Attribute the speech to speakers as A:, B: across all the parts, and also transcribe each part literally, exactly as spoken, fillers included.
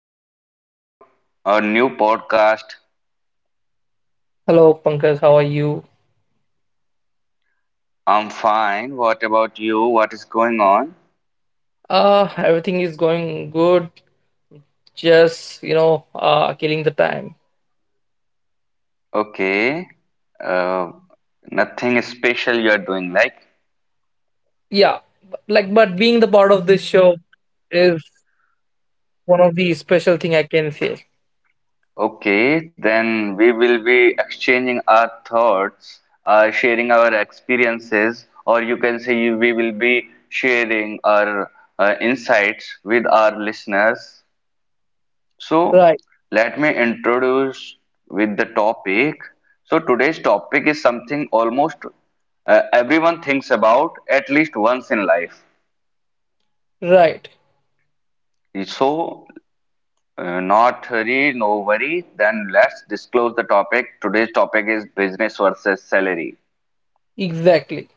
A: new episode, a new podcast.
B: Hello, Pankaj. How are you?
A: I'm fine. What about you? What is going on?
B: Uh, everything is going good. Just, you know, uh, killing the time.
A: Okay. Uh, nothing special you are doing, like?
B: Yeah, b- like, but being the part of this show is one of the special thing I can say.
A: Okay, then we will be exchanging our thoughts, uh, sharing our experiences, or you can say you- we will be sharing our uh, insights with our listeners. So
B: Right,
A: let me introduce with the topic. So today's topic is something almost uh, everyone thinks about at least once in life.
B: right.
A: So uh, not hurry, no worry. Then let's disclose the topic. Today's topic is business versus salary.
B: Exactly,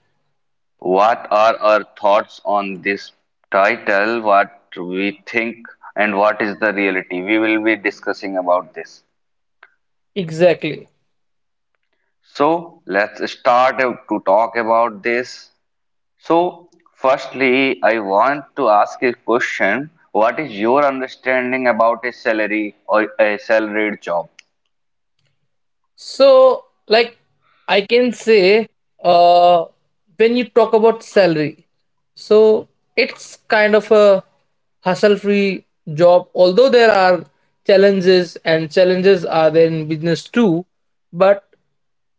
A: What are our thoughts on this title? What we think and what is the reality? We will be discussing about this.
B: exactly.
A: So let's start to talk about this. So, firstly, I want to ask a question. What is your understanding about a salary or a salaried job?
B: So, like, I can say, uh, when you talk about salary, so it's kind of a hustle-free job. Although there are challenges, and challenges are there in business too, but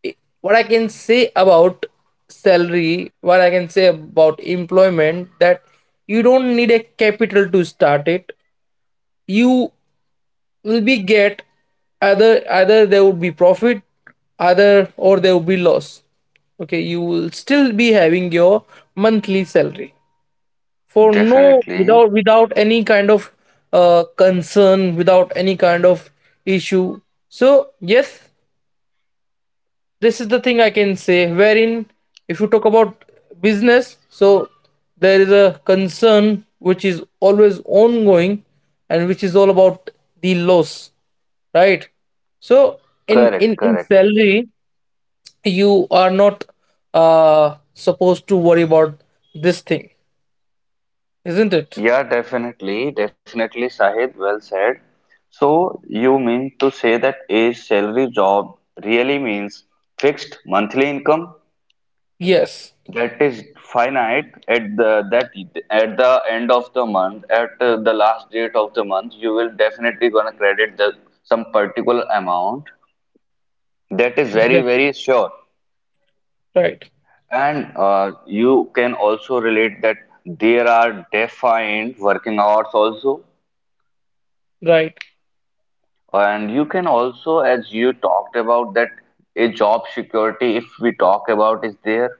B: i- what I can say about salary, what I can say about employment, that you don't need a capital to start it. You will be get either either there would be profit either or there would be loss, okay, you will still be having your monthly salary for no,
A: Definitely.
B: without without any kind of uh, concern, without any kind of issue. So yes, this is the thing I can say. Wherein, if you talk about business, so there is a concern which is always ongoing and which is all about the loss, right? So in
A: Correct,
B: in in
A: correct.
B: salary, you are not uh supposed to worry about this thing, isn't it?
A: Yeah, definitely, definitely, Sahib, well said. So, you mean to say that a salary job really means fixed monthly income.
B: Yes.
A: That is finite at the that at the end of the month, at uh, the last date of the month, you will definitely gonna credit the some particular amount. That is very
B: Exactly.
A: very sure.
B: Right.
A: And uh, you can also relate that there are defined working hours also.
B: Right.
A: And you can also, as you talked about, that a job security, if we talk about, is there.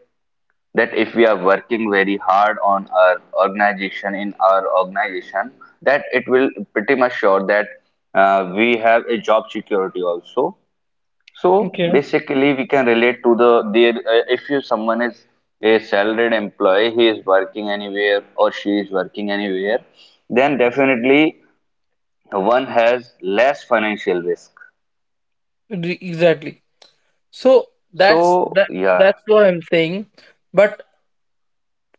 A: That if we are working very hard on our organization, in our organization, that it will pretty much sure that uh, we have a job security also. So
B: Okay.
A: basically we can relate to the the uh, if you someone is a salaried employee, he is working anywhere or she is working anywhere, then definitely one has less financial risk.
B: Re- Exactly. So that's
A: So
B: that.
A: yeah,
B: That's what I'm saying. But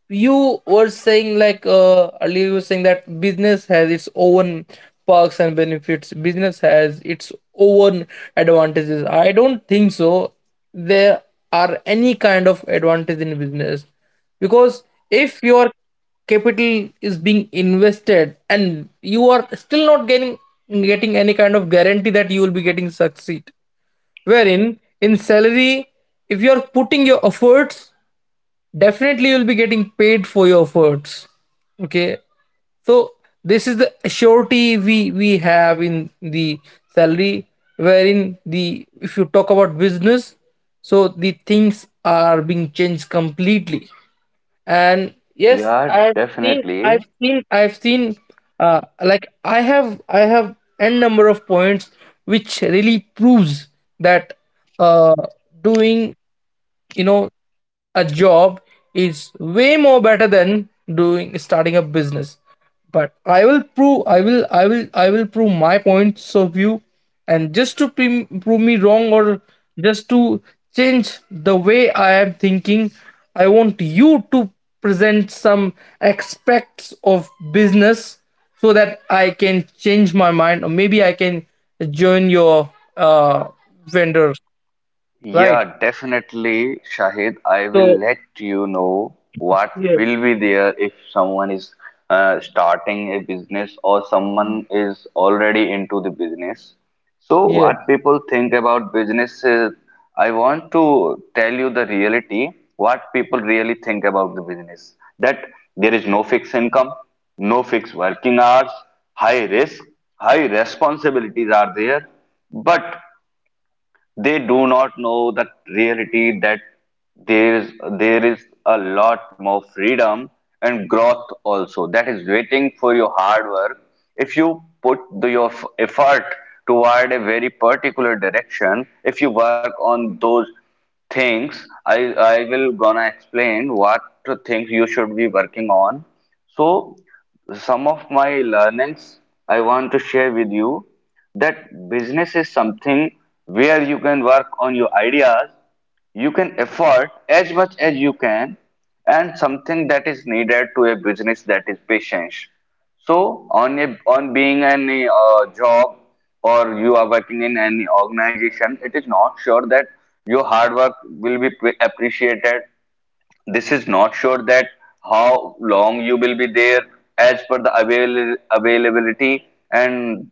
B: you were saying like, uh, earlier you were saying that business has its own perks and benefits, business has its own advantages. I don't think so there are any kind of advantage in business, because if your capital is being invested and you are still not getting getting any kind of guarantee that you will be getting succeed. Wherein in salary, if you are putting your efforts, definitely you'll be getting paid for your efforts, okay? So this is the surety we we have in the salary. Wherein the, if you talk about business, so the things are being changed completely. And yes,
A: yeah,
B: i've seen
A: definitely.
B: i've seen i've seen uh like i have i have n number of points which really proves that uh doing, you know a job is way more better than doing starting a business. But I will prove I will I will I will prove my points of view. And just to pre- prove me wrong, or just to change the way I am thinking, I want you to present some aspects of business so that I can change my mind, or maybe I can join your uh vendor. Right,
A: Yeah, definitely, Shahid. I will
B: so
A: let you know what
B: yeah,
A: will be there if someone is uh, starting a business or someone is already into the business. So,
B: yeah,
A: what people think about business is, I want to tell you the reality, what people really think about the business. That there is no fixed income, no fixed working hours, high risk, high responsibilities are there. But they do not know the reality that there is, there is a lot more freedom and growth also that is waiting for your hard work. If you put the, your f- effort toward a very particular direction, if you work on those things, i i will gonna explain what things you should be working on. So, some of my learnings I want to share with you, that business is something where you can work on your ideas, you can effort as much as you can, and something that is needed to a business, that is patience. So, on a, on being an uh, job or you are working in any organization, it is not sure that your hard work will be pre- appreciated. This is not sure that how long you will be there as per the avail- availability. And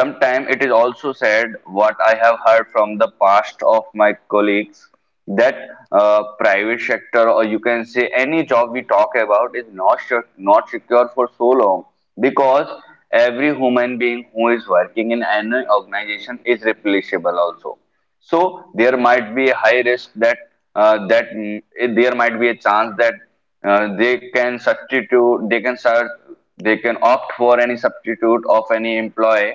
A: sometime it is also said, what I have heard from the past of my colleagues, that uh, private sector, or you can say any job we talk about is not sure, not secure for so long, because every human being who is working in any organization is replaceable also. So there might be a high risk that uh, that mm, eh, there might be a chance that uh, they can substitute they can start they can opt for any substitute of any employee.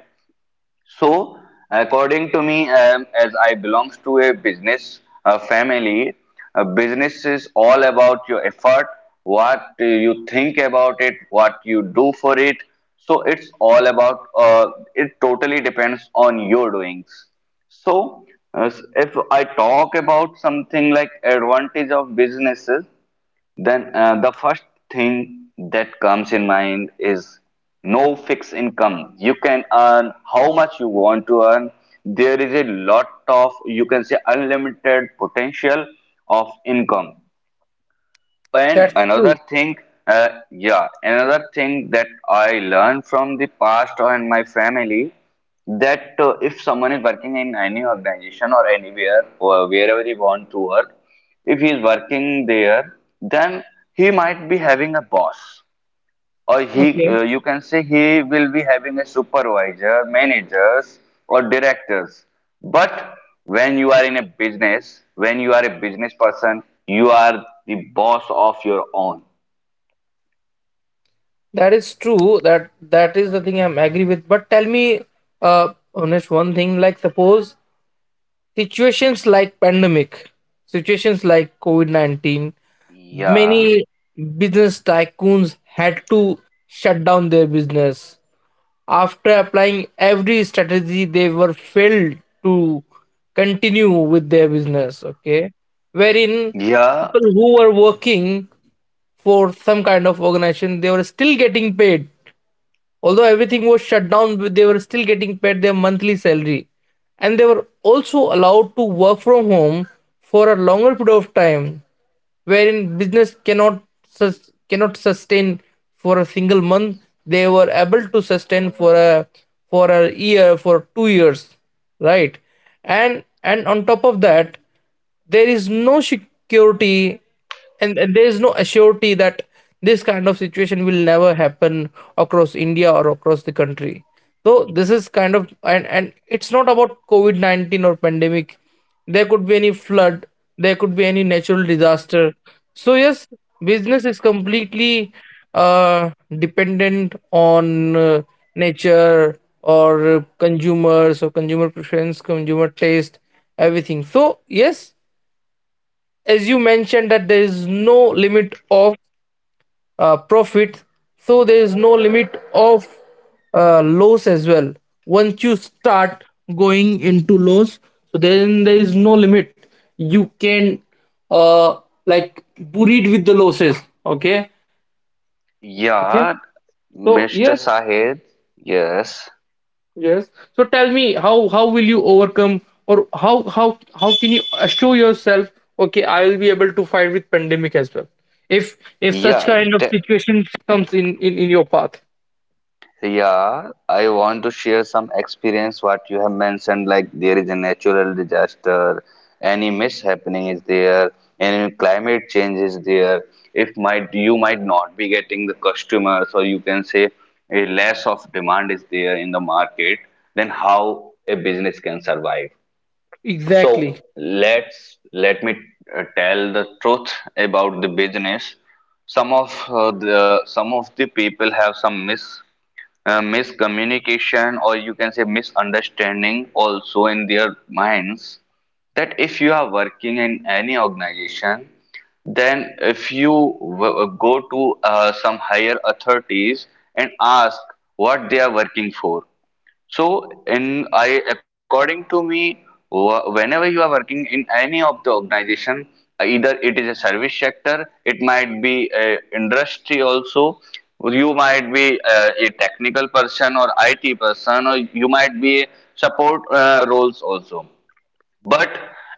A: So, according to me, um, as I belongs to a business uh, family, uh, business is all about your effort, what uh, you think about it, what you do for it. So it's all about. Uh, it totally depends on your doings. So, as if I talk about something like advantage of businesses, then uh, the first thing that comes in mind is no fixed income. You can earn how much you want to earn. There is a lot of, you can say, unlimited potential of income. And
B: that's
A: another
B: true.
A: thing, uh, yeah, another thing that I learned from the past or in my family, that uh, if someone is working in any organization or anywhere or wherever he want to work, if he is working there, then he might be having a boss, or he
B: Okay.
A: uh, you can say he will be having a supervisor, managers, or directors. But when you are in a business, when you are a business person, you are the boss of your own.
B: That is true. That that is the thing I'm agree with. But tell me, uh, honest one thing. Like suppose situations like pandemic, situations like COVID nineteen,
A: Yeah,
B: many business tycoons had to shut down their business after applying every strategy. They were failed to continue with their business. Okay, wherein
A: yeah,
B: people who were working for some kind of organization, they were still getting paid. Although everything was shut down, they were still getting paid their monthly salary. And they were also allowed to work from home for a longer period of time, wherein business cannot sus- cannot sustain for a single month. They were able to sustain for a, for a year, for two years, right? And and on top of that, there is no security, and, and there is no assurity that this kind of situation will never happen across India, or across the country. So this is kind of, and and it's not about COVID nineteen or pandemic. There could be any flood, there could be any natural disaster. So yes, business is completely uh, dependent on uh, nature, or uh, consumers, or consumer preference, consumer taste, everything. So yes, as you mentioned that there is no limit of uh, profit, so there is no limit of uh, loss as well. Once you start going into loss, so then there is no limit. You can uh, like buried with the losses. Okay. Okay,
A: yeah.
B: so
A: Mr.
B: yes.
A: Sahid. Yes.
B: Yes. So tell me, how how will you overcome, or how how how can you assure yourself, okay, I will be able to fight with pandemic as well, if if such
A: yeah
B: kind of
A: de-
B: situation comes in in in your path.
A: Yeah, I want to share some experience what you have mentioned, like there is a natural disaster, any mishappening is there, any climate change is there. If might you might not be getting the customers, or you can say a less of demand is there in the market, then how a business can survive.
B: Exactly.
A: So let's, let me uh, tell the truth about the business. Some of uh, the some of the people have some mis uh, miscommunication, or you can say misunderstanding also in their minds, that if you are working in any organization, then if you w- uh, go to uh, some higher authorities and ask what they are working for. So, in I according to me, wh- whenever you are working in any of the organization, either it is a service sector, it might be a industry also. You might be uh, a technical person or I T person, or you might be a support uh, roles also. But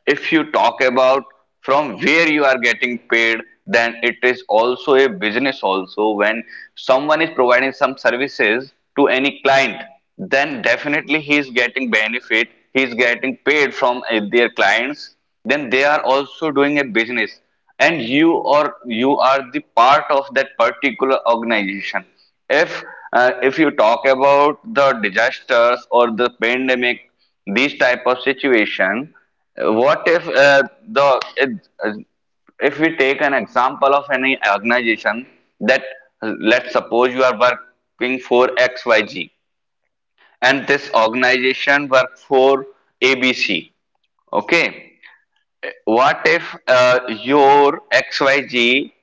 A: if you talk about from where you are getting paid, then it is also a business also. When someone is providing some services to any client, then definitely he is getting benefit, he is getting paid from uh, their clients, then they are also doing a business, and you, or you are the part of that particular organization. If uh, if you talk about the disasters or the pandemic, these type of situation, uh, what if uh, the it- uh, if we take an example of any organization, that uh, let's suppose you are working for xyz
B: Hello.
A: and this organization work for abc. Okay, what if uh, your X Y Z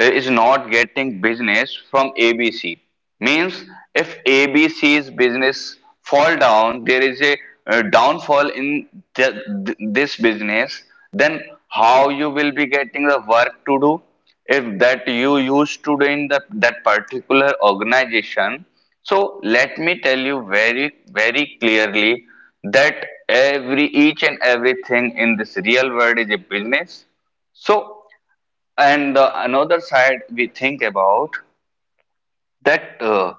A: uh, is not getting business from A B C? Means if A B C's business fall down, there is a uh, downfall in th- th- this business, then how you will be getting the work to do? If that you used to do in the, that particular organization. So let me tell you very, very clearly that every each and everything in this real world is a business. So, and the another side we think about, that uh,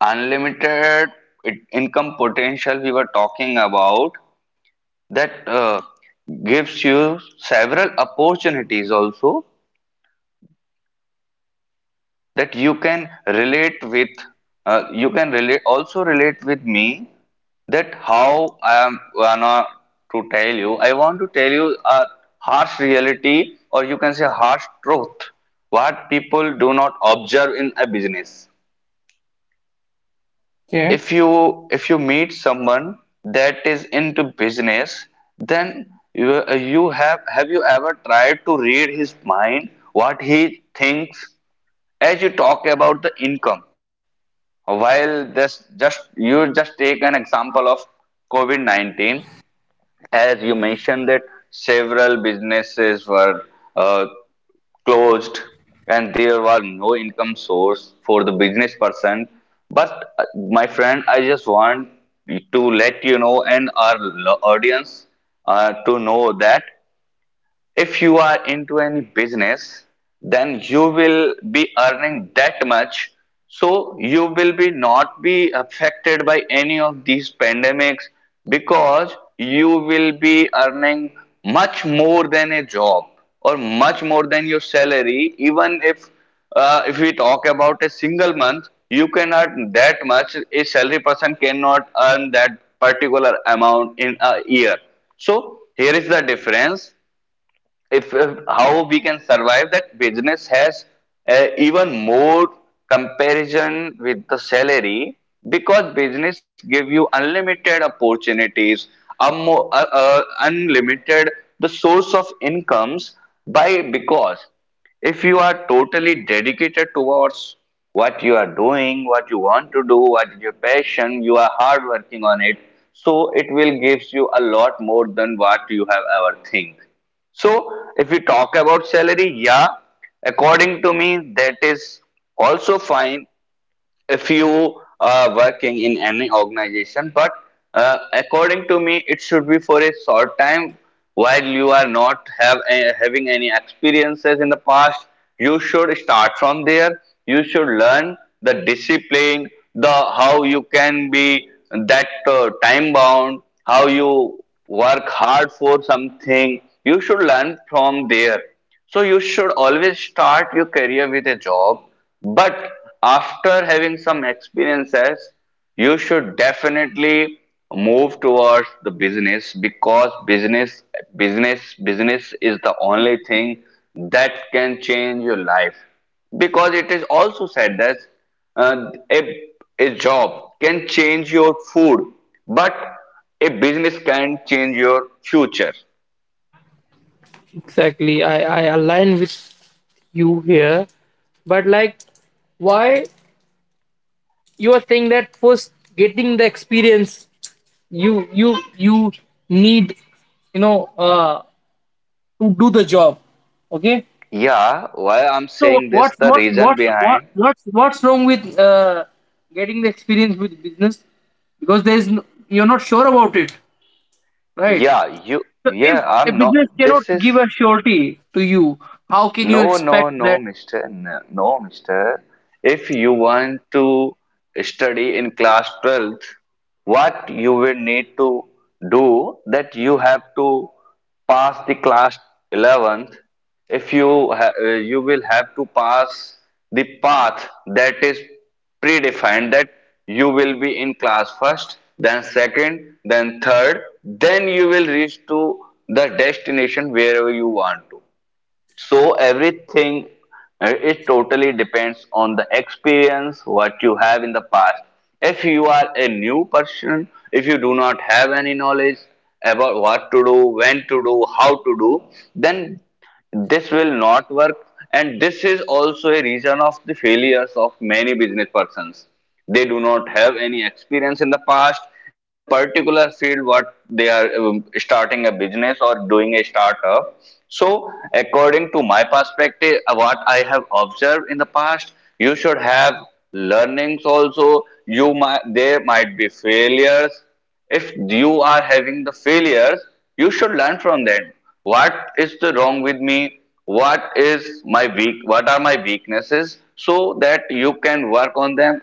A: unlimited it- income potential we were talking about, that uh, gives you several opportunities also, that you can relate with, uh, you can relate, also relate with me, that how I am gonna to tell you. I want to tell you a harsh reality, or you can say harsh truth, what people do not observe in a business.
B: Yeah,
A: If you, if you meet someone that is into business, then you, uh, you have have you ever tried to read his mind what he thinks? As you talk about the income, while this just, you just take an example of COVID nineteen, as you mentioned that several businesses were uh, closed and there was no income source for the business person. But uh, my friend, I just want to let you know and our lo- audience uh, to know that if you are into any business, then you will be earning that much, so you will be not be affected by any of these pandemics, because you will be earning much more than a job or much more than your salary. Even if uh, if we talk about a single month, you can earn that much a salary person cannot earn that particular amount in a year. So here is the difference. If uh, how we can survive that business has uh, even more comparison with the salary, because business give you unlimited opportunities, a mo- uh, uh, unlimited the source of incomes. By, because if you are totally dedicated towards what you are doing, what you want to do, what is your passion, you are hard working on it, so it will gives you a lot more than what you have ever think. So if we talk about salary, yeah, according to me, that is also fine if you are working in any organization. But uh, according to me, it should be for a short time. While you are not have eh, having any experiences in the past, you should start from there. You should learn the discipline, the how you can be that uh, time bound, how you work hard for something, you should learn from there. So you should always start your career with a job. But after having some experiences, you should definitely move towards the business, because business business business is the only thing that can change your life. Because it is also said that uh, a, a job can change your food, but a business can change your future.
B: exactly. I, I align with you here. But like, why you are saying that first getting the experience, you you you need, you know uh to do the job. Okay?
A: Yeah, why I'm
B: So
A: saying this,
B: what's
A: the
B: what's
A: reason
B: what's what
A: behind...
B: what's what's wrong with uh getting the experience with business? Because there is no, you're not sure about it, right?
A: Yeah, you,
B: So
A: yeah,
B: if a
A: I'm not.
B: business cannot
A: This is,
B: give a surety to you, how can you
A: no, no,
B: expect
A: no,
B: that.
A: mister. No, no, mister. If you want to study in class twelfth, what you will need to do, that you have to pass the class eleventh. If you ha uh, You will have to pass the path that is predefined, that you will be in class first, then second, then third, then you will reach to the destination wherever you want to. So everything, uh, it totally depends on the experience what you have in the past. If you are a new person, if you do not have any knowledge about what to do, when to do, how to do, then this will not work. And this is also a reason of the failures of many business persons. They do not have any experience in the past in the particular field what they are um, starting a business or doing a startup. So according to my perspective, uh, what I have observed in the past, you should have learnings also. You might, there might be failures. If you are having the failures, you should learn from them. What is the wrong with me, what is my weak what are my weaknesses, so that you can work on them.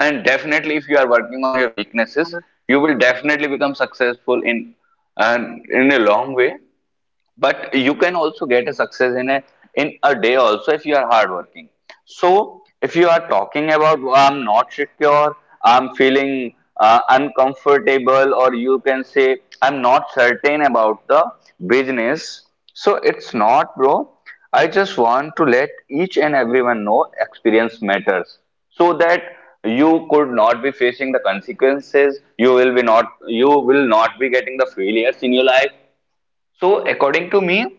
A: And definitely if you are working on your weaknesses, you will definitely become successful in, and in a long way. But you can also get a success in a, in a day also if you are hardworking. So if you are talking about, "Oh, I'm not secure, I'm feeling uh, uncomfortable, or you can say I'm not certain about the business," so it's not, bro. I just want to let each and everyone know experience matters, so that you could not be facing the consequences, you will be not, you will not be getting the failures in your life. So according to me,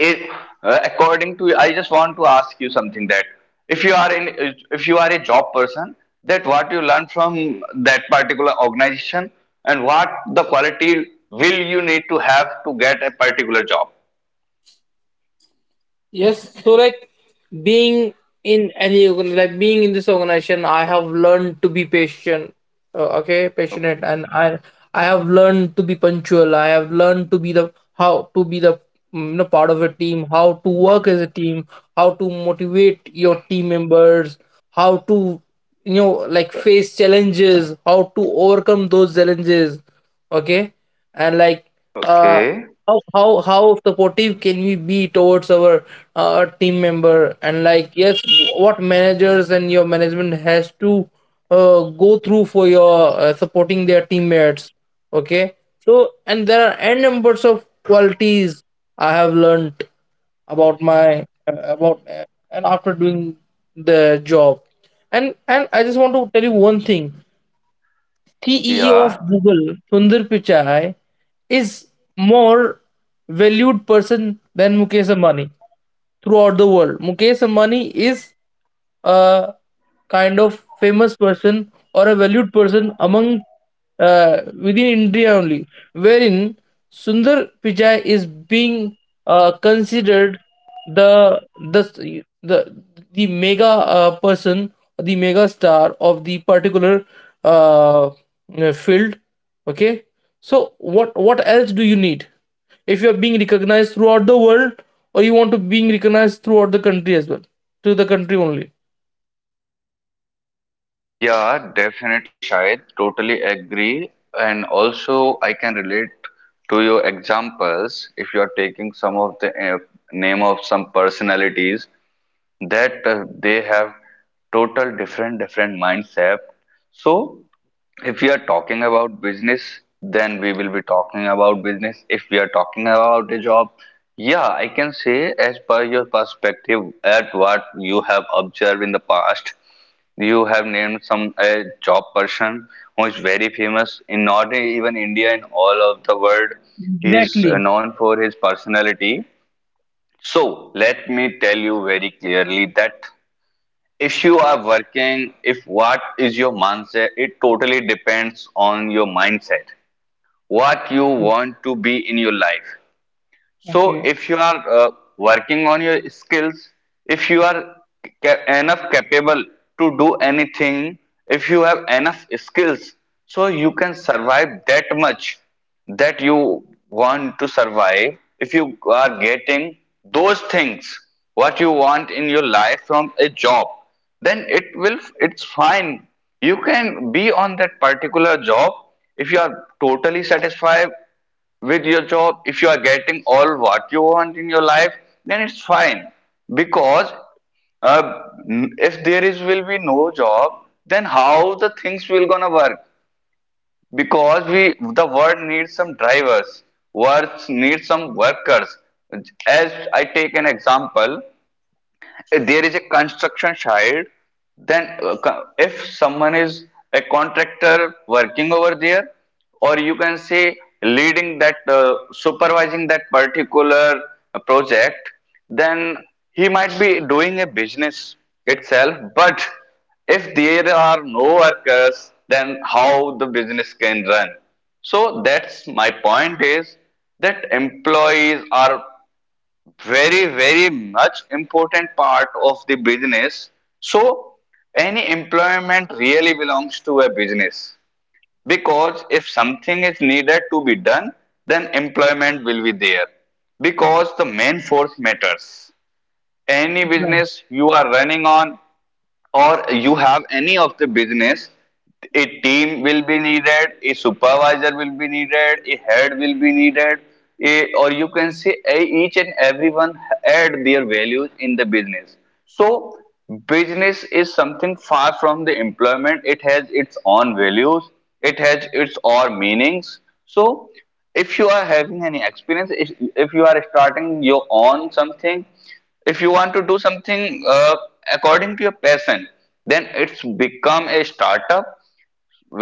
A: if, uh, according to I just want to ask you something, that if you are in, if you are a job person, that what you learn from that particular organization, and what the quality will you need to have to get a particular job.
B: Yes, so like being in any organ- like being in this organization, I have learned to be patient, uh, okay, passionate, and I I have learned to be punctual. I have learned to be the, how to be the mm, you know part of a team, how to work as a team, how to motivate your team members, how to, you know like, face challenges, how to overcome those challenges. Okay, and like uh
A: Okay.
B: how how how supportive can we be towards our uh, team member. And like, yes, what managers and your management has to uh, go through for your uh, supporting their teammates, okay? So, and there are n numbers of qualities I have learned about my uh, about uh, and after doing the job. And and I just want to tell you one thing. C E O of
A: Yeah.
B: Google, Sundar Pichai, is more valued person than Mukesh Ambani throughout the world. Mukesh Ambani is a kind of famous person, or a valued person among, uh, within India only, wherein Sundar Pichai is being uh, considered the, the the the mega uh, person, the mega star of the particular uh, uh, field. Okay, so what what else do you need if you are being recognized throughout the world, or you want to being recognized throughout the country as well, to the country only?
A: Yeah, definitely, Shahid. Totally agree. And also, I can relate to your examples, if you are taking some of the uh, name of some personalities, that uh, they have total different different mindset. So if we are talking about business, then we will be talking about business. If we are talking about a job, yeah, I can say as per your perspective at what you have observed in the past, you have named some a job person who is very famous in not even India, in all of the world. He is
B: Exactly.
A: known for his personality. So let me tell you very clearly that, if you are working, if what is your mindset, it totally depends on your mindset what you want to be in your life. So
B: Okay.
A: if you are uh, working on your skills, if you are ca- enough capable to do anything, if you have enough skills, so you can survive that much that you want to survive. If you are getting those things, what you want in your life from a job, then it will, it's fine. You can be on that particular job if you are totally satisfied with your job, if you are getting all what you want in your life, then it's fine. Because uh, if there is, will be no job, then how the things will gonna work? Because we, the world needs some drivers, world needs some workers. As I take an example, if there is a construction site, then uh, co- if someone is a contractor working over there, or you can say leading that, uh, supervising that particular uh, project, then he might be doing a business itself. But if there are no workers, then how the business can run? So that's my point is that employees are very, very much important part of the business. So any employment really belongs to a business, because if something is needed to be done, then employment will be there, because the main force matters. Any
B: Right.
A: business you are running on, or you have any of the business, a team will be needed, a supervisor will be needed, a head will be needed. A, or you can say, a- each and everyone add their values in the business. So business is something far from the employment. It has its own values, it has its own meanings. So if you are having any experience, if if you are starting your own something, if you want to do something uh, according to your passion, then it's become a startup.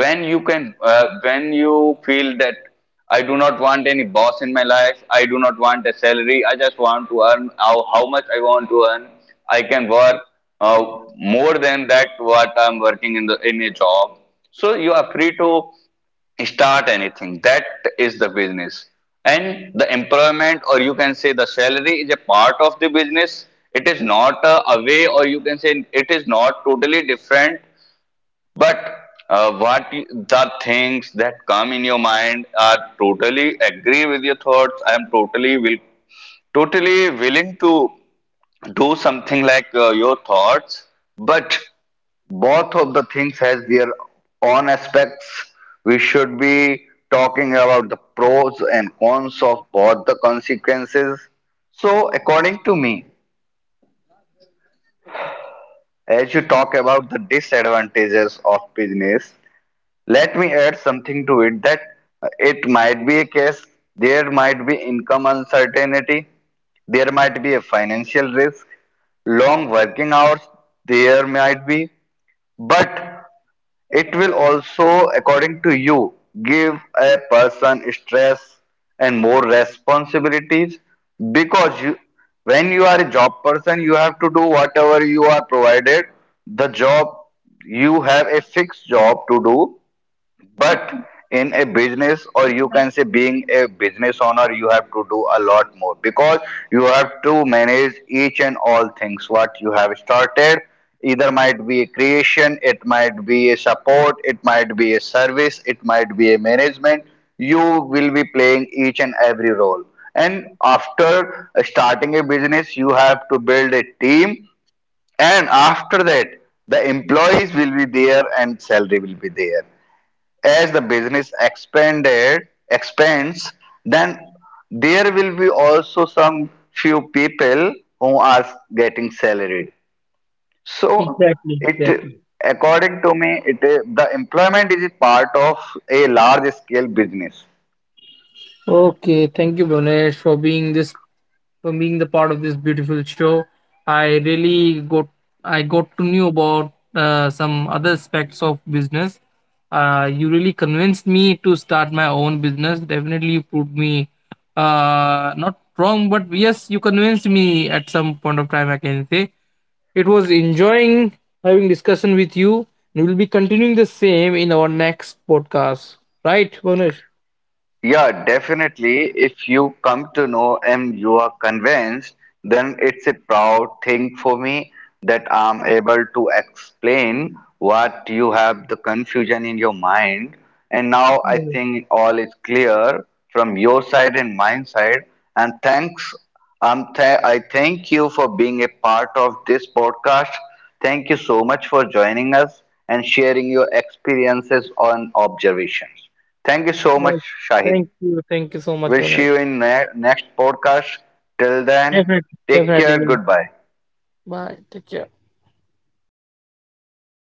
A: When you can uh, when you feel that I do not want any boss in my life, I do not want a salary, I just want to earn how, how much I want to earn, I can work uh, more than that what I'm working in the, in a job. So you are free to start anything. That is the business. And the employment, or you can say the salary, is a part of the business. It is not a, a way, or you can say it is not totally different. But uh, what y- the things that come in your mind, are totally agree with your thoughts. I am totally will totally willing to do something like uh, your thoughts. But both of the things has their own aspects. We should be talking about the pros and cons of both the consequences. So according to me, as you talk about the disadvantages of business, let me add something to it, that uh, it might be a case, there might be income uncertainty, there might be a financial risk, long working hours, there might be, but it will also, according to you, give a person stress and more responsibilities. Because you, when you are a job person, you have to do whatever you are provided. The job You have a fixed job to do, but in a business, or you can say being a business owner, you have to do a lot more, because you have to manage each and all things what you have started. Either might be a creation, it might be a support, it might be a service, it might be a management. You will be playing each and every role. And after starting a business, you have to build a team, and after that, the employees will be there and salary will be there. As the business expanded expands, then there will be also some few people who are getting salaried. So
B: Exactly.
A: it,
B: Exactly.
A: according to me, it, the employment is a part of a large scale business.
B: Okay. Thank you, Bonesh, for being this, for being the part of this beautiful show. I really got, I got to know about uh, some other aspects of business. Uh, you really convinced me to start my own business. Definitely, you proved me uh, not wrong, but yes, you convinced me at some point of time. I can say it was enjoying having discussion with you. We will be continuing the same in our next podcast, right, Vanesh?
A: Yeah, definitely. If you come to know and you are convinced, then it's a proud thing for me, that I'm able to explain what you have the confusion in your mind. And now I
B: Yes,
A: think all is clear from your side and my side. And thanks. Um, th- I thank you for being a part of this podcast. Thank you so much for joining us and sharing your experiences on observations. Thank you so much,
B: yes.
A: Shahid.
B: Thank you, thank you so much,
A: We'll see
B: Vanesh.
A: you in ne- next podcast. Till then,
B: Definitely,
A: take care.
B: definitely.
A: Goodbye.
B: Bye. Take care.